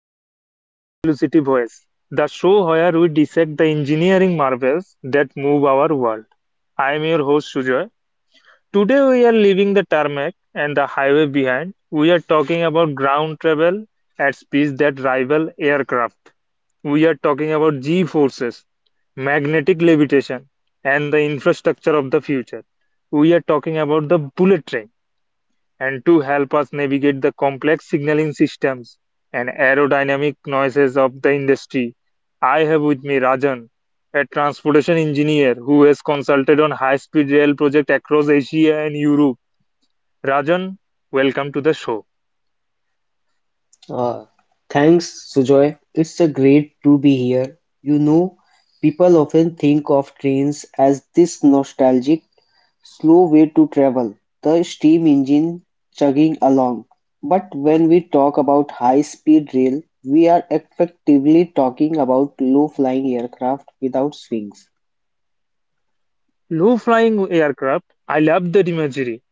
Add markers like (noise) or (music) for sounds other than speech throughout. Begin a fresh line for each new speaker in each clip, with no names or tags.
welcome to Velocity Voice, the show where we dissect the engineering marvels that move our world. I am your host Sujoy. Today we are leaving the tarmac and the highway behind. We are talking about ground travel at speeds that rival aircraft. We are talking about G forces, magnetic levitation, and the infrastructure of the future. We are talking about the bullet train and to help us navigate the complex signaling systems and aerodynamic noises of the industry. I have with me Rajan, a transportation engineer who has consulted on high speed rail projects across Asia and Europe. Rajan, welcome to the show.
Uh, Thanks, Sujoy. It's a great to be here. You know, people often think of trains as this nostalgic, slow way to travel, the steam engine chugging along. But when we talk about high-speed rail, we are effectively talking about low-flying aircraft without wings.
Low flying aircraft, I love that imagery.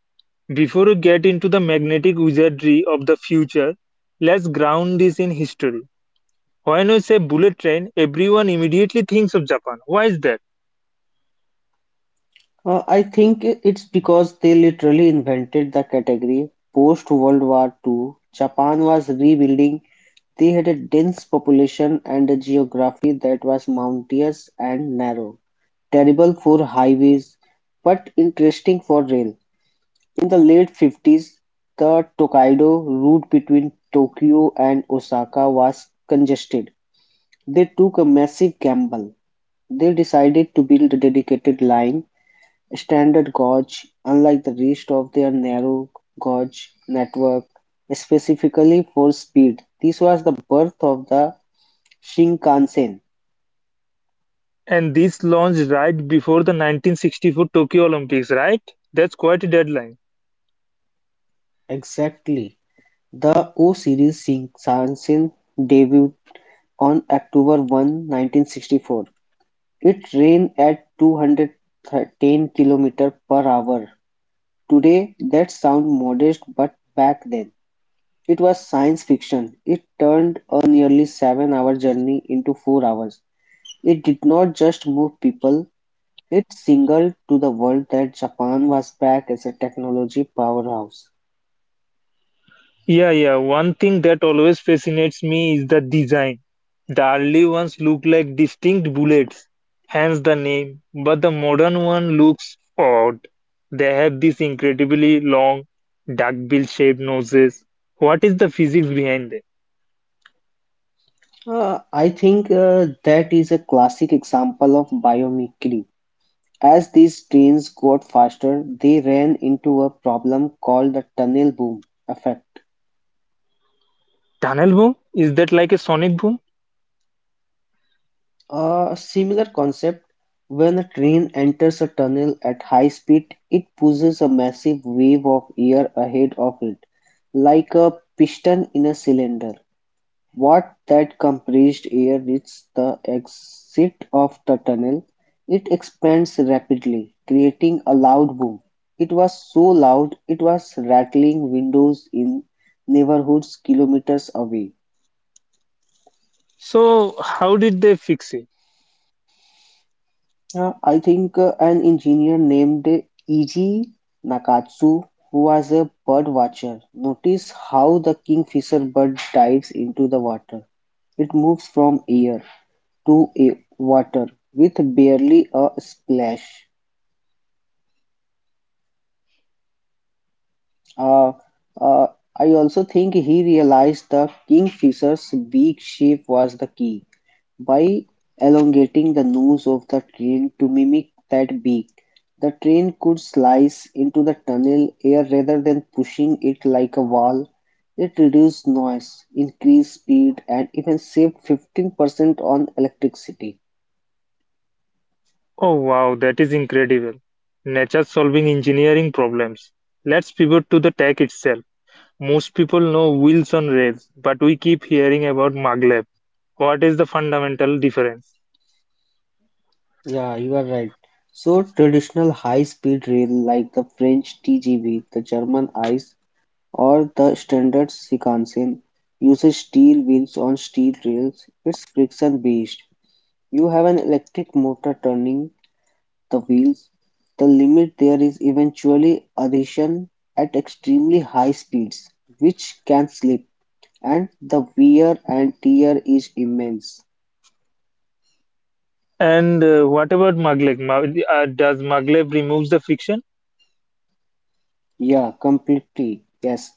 Before we get into the magnetic wizardry of the future, let's ground this in history. When we say bullet train, everyone immediately thinks of Japan. Why is that?
I think it's because they literally invented the category. Post World War Two, Japan was rebuilding. They had a dense population and a geography that was mountainous and narrow, terrible for highways, but interesting for rail. In the late 50s, the Tokaido route between Tokyo and Osaka was congested. They took a massive gamble. They decided to build a dedicated line. Standard gauge, unlike the rest of their narrow gauge network, specifically for speed. This was the birth of the Shinkansen.
And this launched right before the 1964 Tokyo Olympics, right? That's quite a deadline.
Exactly. The O series Shinkansen debuted on October 1, 1964. It ran at 210 km per hour. Today, that sounds modest, but back then, it was science fiction. It turned a nearly 7 hour journey into 4 hours. It did not just move people, it signaled to the world that Japan was back as a technology powerhouse.
Yeah, yeah. One thing that always fascinates me is the design. The early ones look like distinct bullets, hence the name, but the modern one looks odd. They have these incredibly long, duckbill shaped noses. What is the physics behind them?
I think that is a classic example of biomimicry. As these trains got faster, they ran into a problem called the tunnel boom effect.
Tunnel boom? Is that like a sonic boom?
A similar concept: when a train enters a tunnel at high speed, it pushes a massive wave of air ahead of it, like a piston in a cylinder. What that compressed air reaches the exit of the tunnel, it expands rapidly, creating a loud boom. It was so loud it was rattling windows in neighborhoods kilometers away.
So, how did they fix it?
I think an engineer named Eiji Nakatsu, who was a bird watcher, noticed how the kingfisher bird dives into the water. It moves from air to a water with barely a splash. Uh, uh, I also think he realized the kingfisher's beak shape was the key. By elongating the nose of the train to mimic that beak, the train could slice into the tunnel air rather than pushing it like a wall. It reduced noise, increased speed, and even saved 15% on electricity.
Oh wow, that is incredible. Nature solving engineering problems. Let's pivot to the tech itself. Most people know wheels on rails, but we keep hearing about maglev. What is the fundamental difference?
Yeah, you are right. So, traditional high-speed rail like the French TGV, the German ICE, or the standard Shinkansen uses steel wheels on steel rails. It's friction-based. You have an electric motor turning the wheels. The limit there is eventually adhesion at extremely high speeds, which can slip, and the wear and tear is immense.
And what about maglev? Does maglev removes the friction?
Yeah, completely. Yes.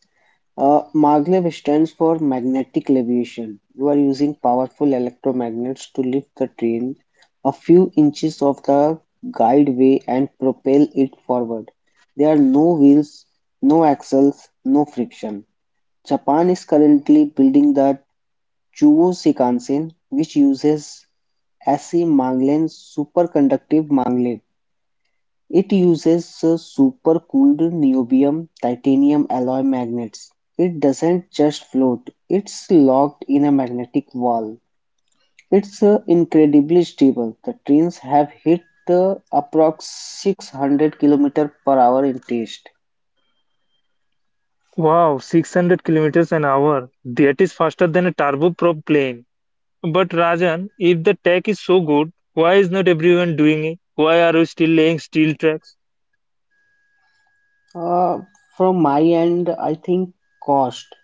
Maglev stands for magnetic leviation. You are using powerful electromagnets to lift the train a few inches off the guideway and propel it forward. There are no wheels, no axles, no friction. Japan is currently building the Chuo Shikansen, which uses SE Maglev, superconductive maglev. It uses supercooled niobium-titanium alloy magnets. It doesn't just float, it's locked in a magnetic wall. It's incredibly stable. The trains have hit approx 600 km/h in test.
Wow, 600 kilometers an hour. That is faster than a turboprop plane. But Rajan, if the tech is so good, why is not everyone doing it? Why are we still laying steel tracks?
Uh, from my end, I think cost.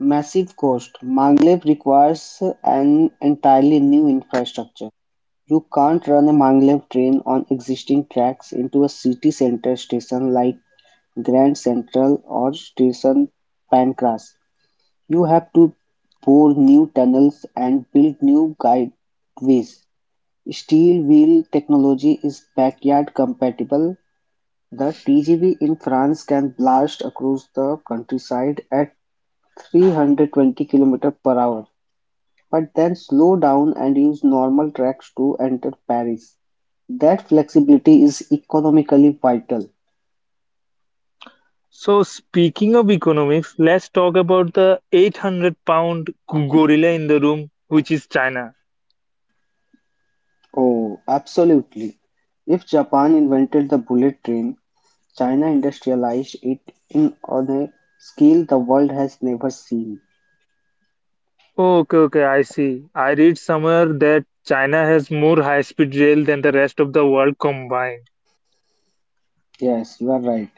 Massive cost. Maglev requires an entirely new infrastructure. You can't run a maglev train on existing tracks into a city center station like Grand Central or Station Pancras. You have to bore new tunnels and build new guideways. Steel wheel technology is backyard compatible. The TGV in France can blast across the countryside at 320 km per hour but then slow down and use normal tracks to enter Paris. That flexibility is economically vital.
So, speaking of economics, let's talk about the 800 pound gorilla in the room, which is China.
Oh, absolutely. If Japan invented the bullet train, China industrialized it in on a scale the world has never seen.
Okay, okay, I see. I read somewhere that China has more high speed rail than the rest of the world combined.
Yes, you are right.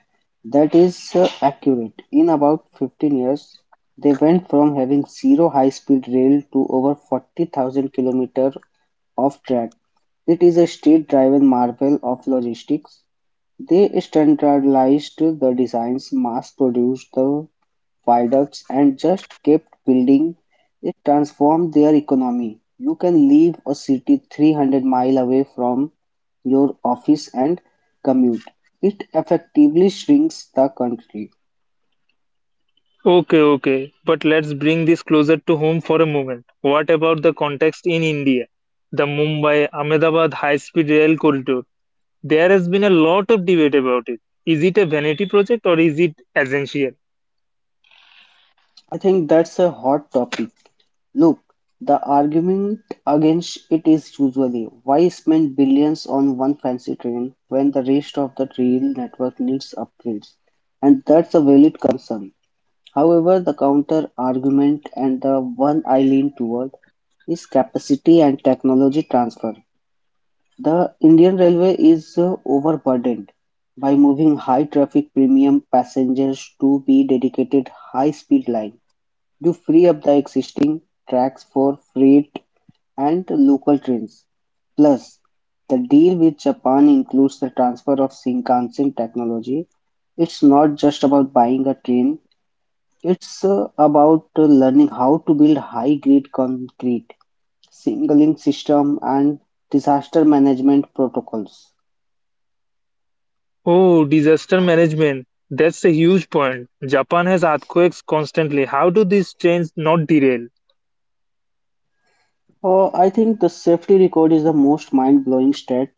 That is accurate. In about 15 years, they went from having zero high-speed rail to over 40,000 kilometers of track. It is a state-driven marvel of logistics. They standardized the designs, mass-produced the viaducts, and just kept building. It transformed their economy. You can leave a city 300 miles away from your office and commute. It effectively shrinks the country.
Okay, okay, but let's bring this closer to home for a moment. What about the context in India? The Mumbai Ahmedabad high speed rail corridor. There has been a lot of debate about it. Is it a vanity project or is it essential?
I think that's a hot topic. Look, the argument against it is usually why spend billions on one fancy train when the rest of the rail network needs upgrades? And that's a valid concern. However, the counter argument, and the one I lean toward, is capacity and technology transfer. The Indian Railway is overburdened by moving high-traffic premium passengers to the dedicated high-speed line to free up the existing tracks for freight and local trains. Plus, the deal with Japan includes the transfer of Shinkansen technology. It's not just about buying a train, it's about learning how to build high-grade concrete, signaling system, and disaster management protocols.
Oh, disaster management. That's a huge point. Japan has earthquakes constantly. How do these trains not derail?
I think the safety record is the most mind-blowing stat.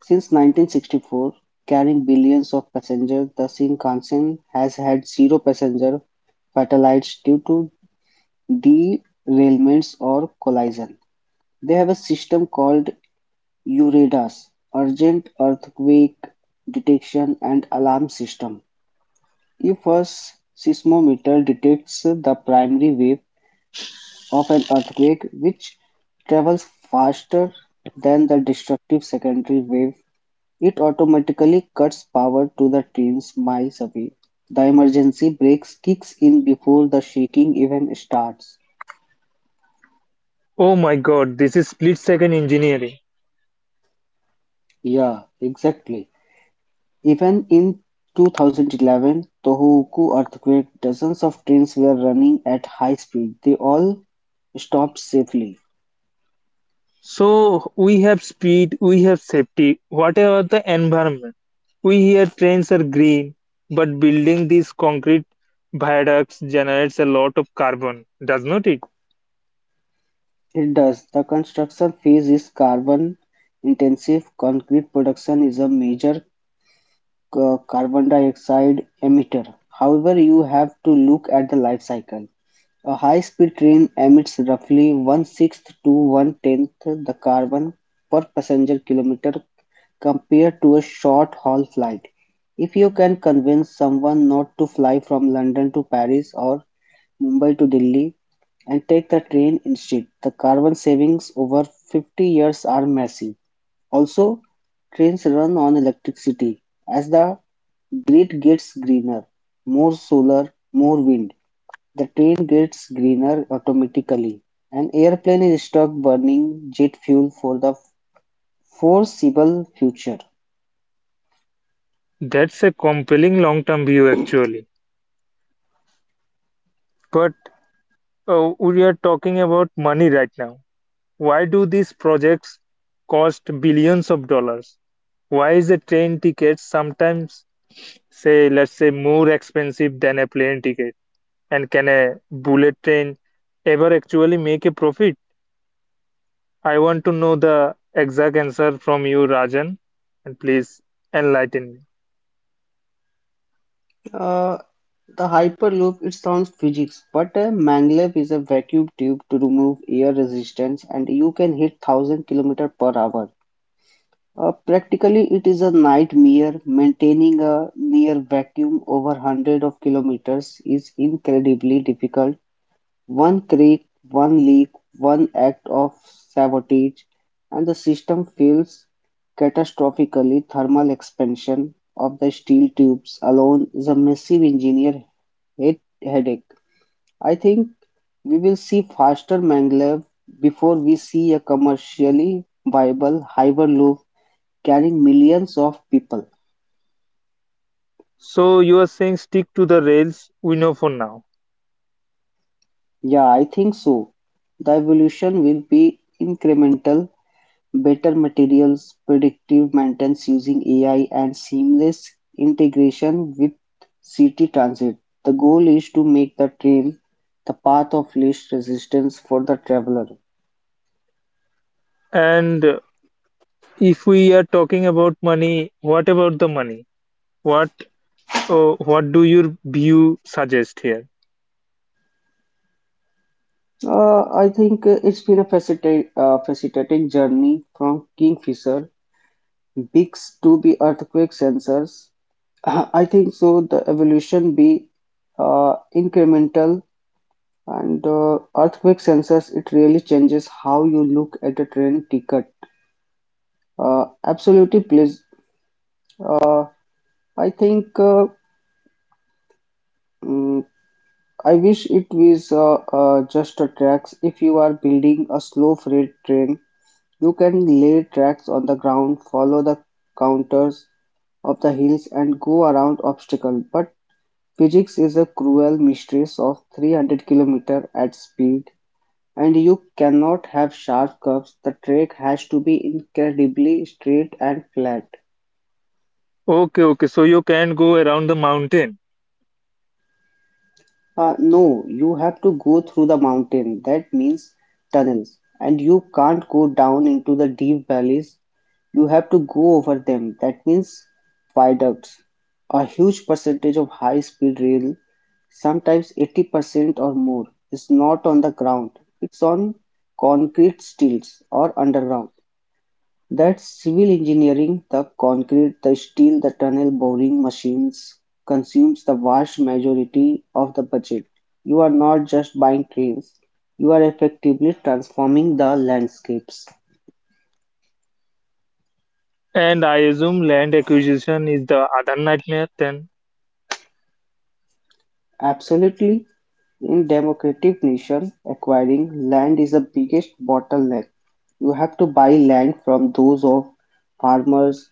Since 1964, carrying billions of passengers, the Shinkansen has had zero passenger fatalities due to derailments or collision. They have a system called URADAS, Urgent Earthquake Detection and Alarm System. If a seismometer detects the primary wave of an earthquake, which travels faster than the destructive secondary wave, it automatically cuts power to the trains miles away. The emergency brakes kicks in before the shaking even starts.
Oh my god, this is split second engineering.
Yeah, exactly. Even in 2011, Tohoku earthquake, dozens of trains were running at high speed. They all stopped safely.
So we have speed, we have safety. What about the environment? We hear trains are green, but building these concrete viaducts generates a lot of carbon, does not it?
It does. The construction phase is carbon intensive. Concrete production is a major carbon dioxide emitter. However, you have to look at the life cycle. A high-speed train emits roughly one-sixth to one-tenth the carbon per passenger kilometer compared to a short-haul flight. If you can convince someone not to fly from London to Paris or Mumbai to Delhi and take the train instead, the carbon savings over 50 years are massive. Also, trains run on electricity. As the grid gets greener, more solar, more wind, the train gets greener automatically. An airplane is stuck burning jet fuel for the foreseeable future.
That's a compelling long term view actually. But we are talking about money right now. Why do these projects cost billions of dollars? Why is a train ticket sometimes, say, let's say, more expensive than a plane ticket? And can a bullet train ever actually make a profit? I want to know the exact answer from you, Rajan, and please enlighten me.
Uh, the Hyperloop, it sounds physics, but a maglev is a vacuum tube to remove air resistance and you can hit 1000 kilometers per hour. Practically, it is a nightmare. Maintaining a near vacuum over hundreds of kilometers is incredibly difficult. One creak, one leak, one act of sabotage, and the system fails catastrophically. Thermal expansion of the steel tubes alone is a massive engineer head headache. I think we will see faster maglev before we see a commercially viable hyperloop carrying millions of people.
So, you are saying stick to the rails we know for now.
Yeah, I think so. The evolution will be incremental. Better materials, predictive maintenance using AI, and seamless integration with city transit. The goal is to make the train the path of least resistance for the traveler.
And if we are talking about money, what about the money? What? Oh, what do your view suggest here?
I think it's been a fascinating journey from Kingfisher bigs to the earthquake sensors. (laughs) I think so. The evolution be incremental. And earthquake sensors, it really changes how you look at a train ticket. Absolutely, please. Uh, I think mm, I wish it was just a tracks. If you are building a slow freight train, you can lay tracks on the ground, follow the counters of the hills, and go around obstacle. But physics is a cruel mistress of 300 kilometer at speed. And you cannot have sharp curves, the track has to be incredibly straight and flat.
Okay, okay. So you can go around the mountain,
No, you have to go through the mountain, that means tunnels, and you can't go down into the deep valleys, you have to go over them, that means viaducts. A huge percentage of high speed rail, sometimes 80% or more, is not on the ground, it's on concrete stilts or underground. That's civil engineering. The concrete, the steel, the tunnel boring machines consumes the vast majority of the budget. You are not just buying trains, you are effectively transforming the landscapes.
and I assume land acquisition is the other nightmare then.
Absolutely, in democratic nation, acquiring land is the biggest bottleneck. You have to buy land from those of farmers,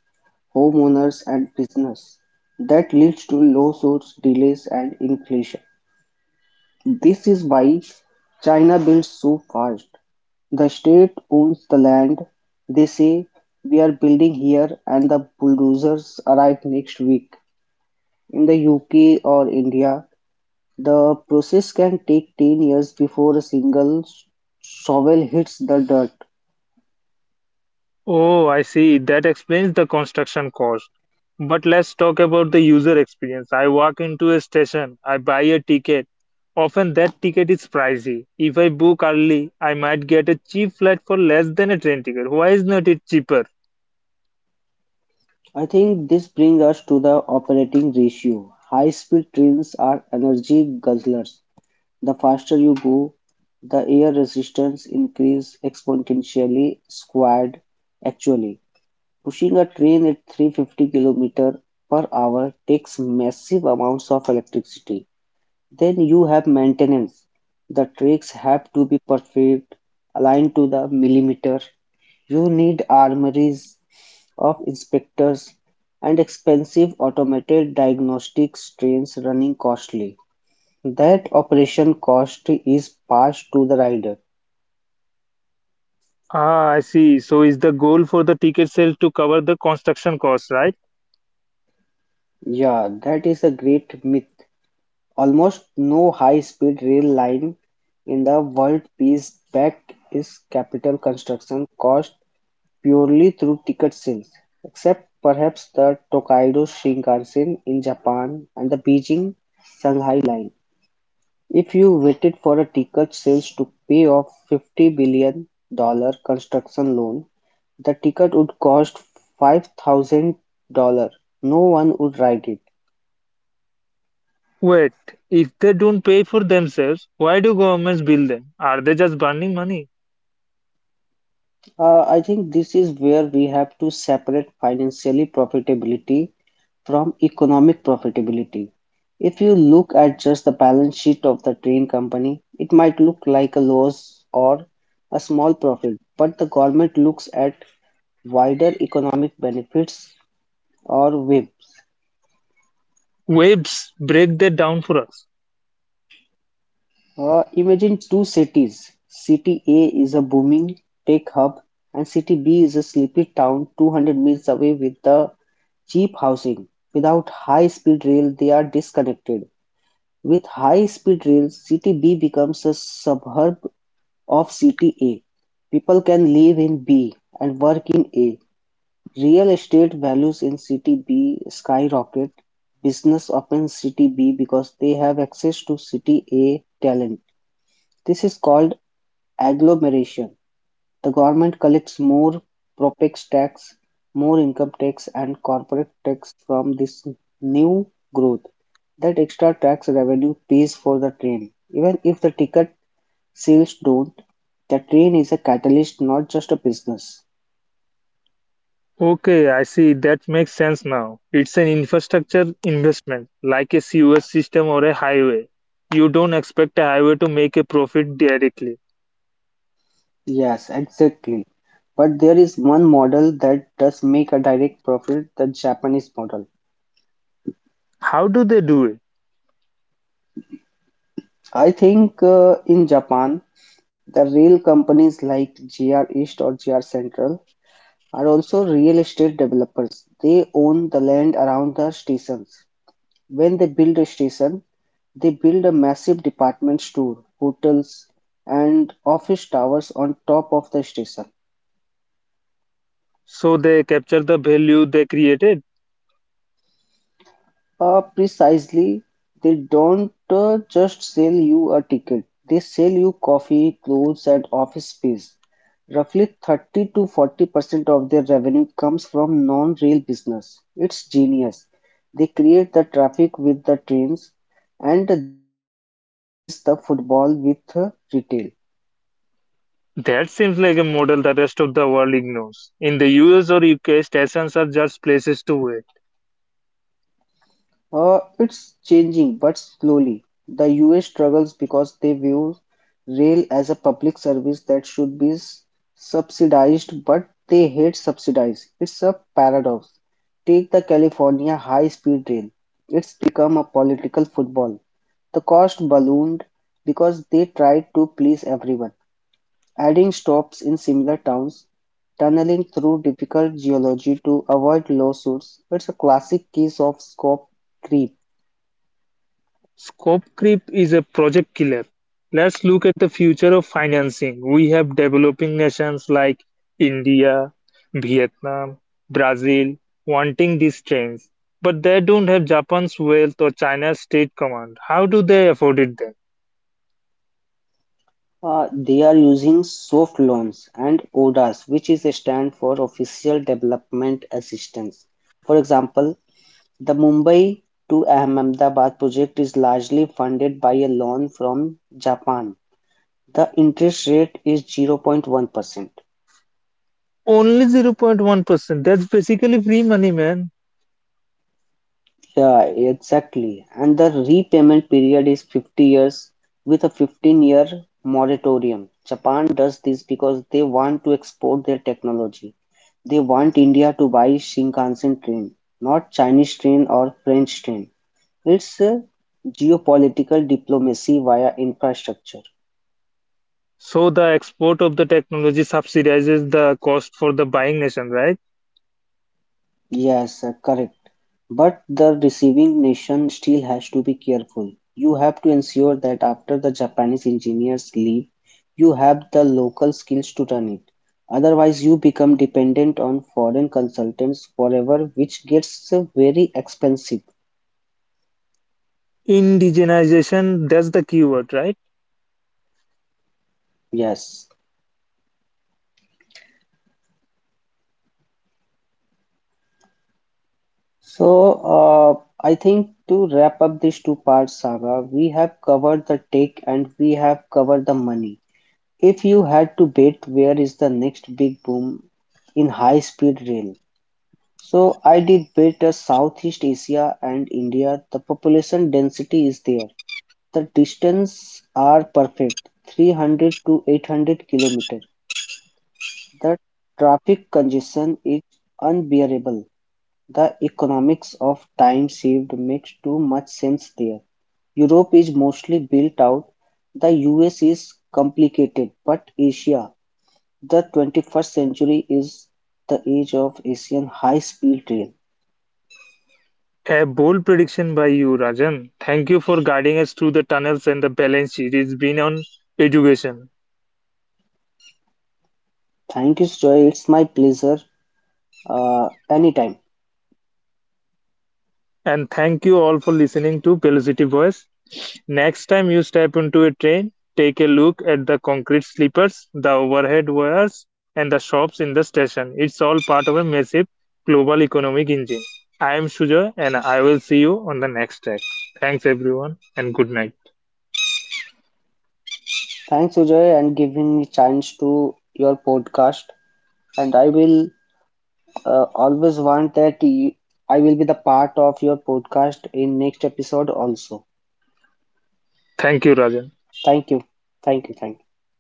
homeowners, and business. That leads to lawsuits, delays, and inflation. This is why China builds so fast. The state owns the land. They say, we are building here, and the bulldozers arrive next week. In the UK or India, the process can take 10 years before a single shovel hits the dirt.
Oh, I see. That explains the construction cost. But let's talk about the user experience. I walk into a station, I buy a ticket. Often that ticket is pricey. If I book early, I might get a cheap flight for less than a train ticket. Why is not it cheaper?
I think this brings us to the operating ratio. High speed trains are energy guzzlers. The faster you go, the air resistance increases exponentially, squared actually. Pushing a train at 350 kilometers per hour takes massive amounts of electricity. Then you have maintenance. The tracks have to be perfect, aligned to the millimeter. You need armories of inspectors and expensive automated diagnostics trains running costly. That operation cost is passed to the rider.
Ah, I see. So is the goal for the ticket sales to cover the construction cost, right?
Yeah, that is a great myth. Almost no high-speed rail line in the world pays back its capital construction cost purely through ticket sales, except perhaps the Tokaido Shinkansen in Japan and the Beijing Shanghai line. If you waited for a ticket sales to pay off $50 billion construction loan, the ticket would cost $5,000. No one would ride it.
Wait, if they don't pay for themselves, why do governments bill them? Are they just burning money?
I think this is where we have to separate financially profitability from economic profitability. If you look at just the balance sheet of the train company, it might look like a loss or a small profit, but the government looks at wider economic benefits or web.
Waves break that down for us.
Imagine two cities. City A is a booming tech hub, and City B is a sleepy town 200 miles away with the cheap housing. Without high speed rail, they are disconnected. With high speed rail, City B becomes a suburb of City A. People can live in B and work in A. Real estate values in City B skyrocket. Business opens City B because they have access to City A talent. This is called agglomeration; the government collects more Properx tax, more income tax and corporate tax from this new growth. That extra tax revenue pays for the train. Even if the ticket sales don't, the train is a catalyst, not just a business.
Okay, I see. That makes sense now. It's an infrastructure investment, like a sewage system or a highway. You don't expect a highway to make a profit directly.
Yes, exactly. But there is one model that does make a direct profit, the Japanese model.
How do they do it?
I think in Japan, the rail companies like Gr East or Gr Central are also real estate developers. They own the land around the stations. When they build a station, they build a massive department store, hotels, and office towers on top of the station.
So they capture the value they created?
Precisely, they don't just sell you a ticket, they sell you coffee, clothes, and office space. Roughly 30 to 40% of their revenue comes from non-rail business. It's genius. They create the traffic with the trains and they monetize the football with retail.
That seems like a model the rest of the world ignores. In the US or UK, stations are just places to wait.
It's changing, but slowly. The US struggles because they view rail as a public service that should be subsidized, but they hate subsidize. It's a paradox. Take the California high speed rail. It's become a political football. The cost ballooned because they tried to please everyone, adding stops in similar towns, tunneling through difficult geology to avoid lawsuits. It's a classic case of scope creep.
Scope creep is a project killer. Let's look at the future of financing. We have developing nations like India, Vietnam, Brazil wanting these trains, but they don't have Japan's wealth or China's state command. How do they afford it then?
They are using soft loans and ODAs, which is a stand for Official Development Assistance. For example, the Mumbai to Ahmedabad project is largely funded by a loan from Japan. The interest rate is 0.1%.
Only 0.1%. That's basically free money, man.
Yeah, exactly. And the repayment period is 50 years with a 15-year moratorium. Japan does this because they want to export their technology. They want India to buy Shinkansen train, not Chinese train or French train. It's geopolitical diplomacy via infrastructure.
So the export of the technology subsidizes the cost for the buying nation, right?
Yes, correct. But the receiving nation still has to be careful. You have to ensure that after the Japanese engineers leave, you have the local skills to run it. Otherwise, you become dependent on foreign consultants forever, which gets very expensive.
Indigenization, that's the keyword, right?
Yes. So, uh, I think to wrap up this two-part saga, we have covered the tech and we have covered the money. If you had to bet where is the next big boom in high-speed rail, so I did bet a Southeast Asia and India. The population density is there. The distance are perfect, 300 to 800 kilometers. The traffic congestion is unbearable. The economics of time saved makes too much sense there. Europe is mostly built out. The US is complicated, but Asia the 21st century is the age of Asian high-speed rail.
A bold prediction by you, Rajan. Thank you for guiding us through the tunnels and the balance sheet. It's been on education.
Thank you, Sujoy. It's my pleasure. Anytime.
And thank you all for listening to Velocity Voice. Next time you step into a train, take a look at the concrete sleepers, the overhead wires, and the shops in the station. It's all part of a massive global economic engine. I am Sujoy and I will see you on the next track. Thanks everyone and good night.
Thanks, Sujoy, and giving me chance to your podcast. And I will always want that you, I will be the part of your podcast in next episode also.
Thank you, Rajan.
Thank you. Thank you. Thank you.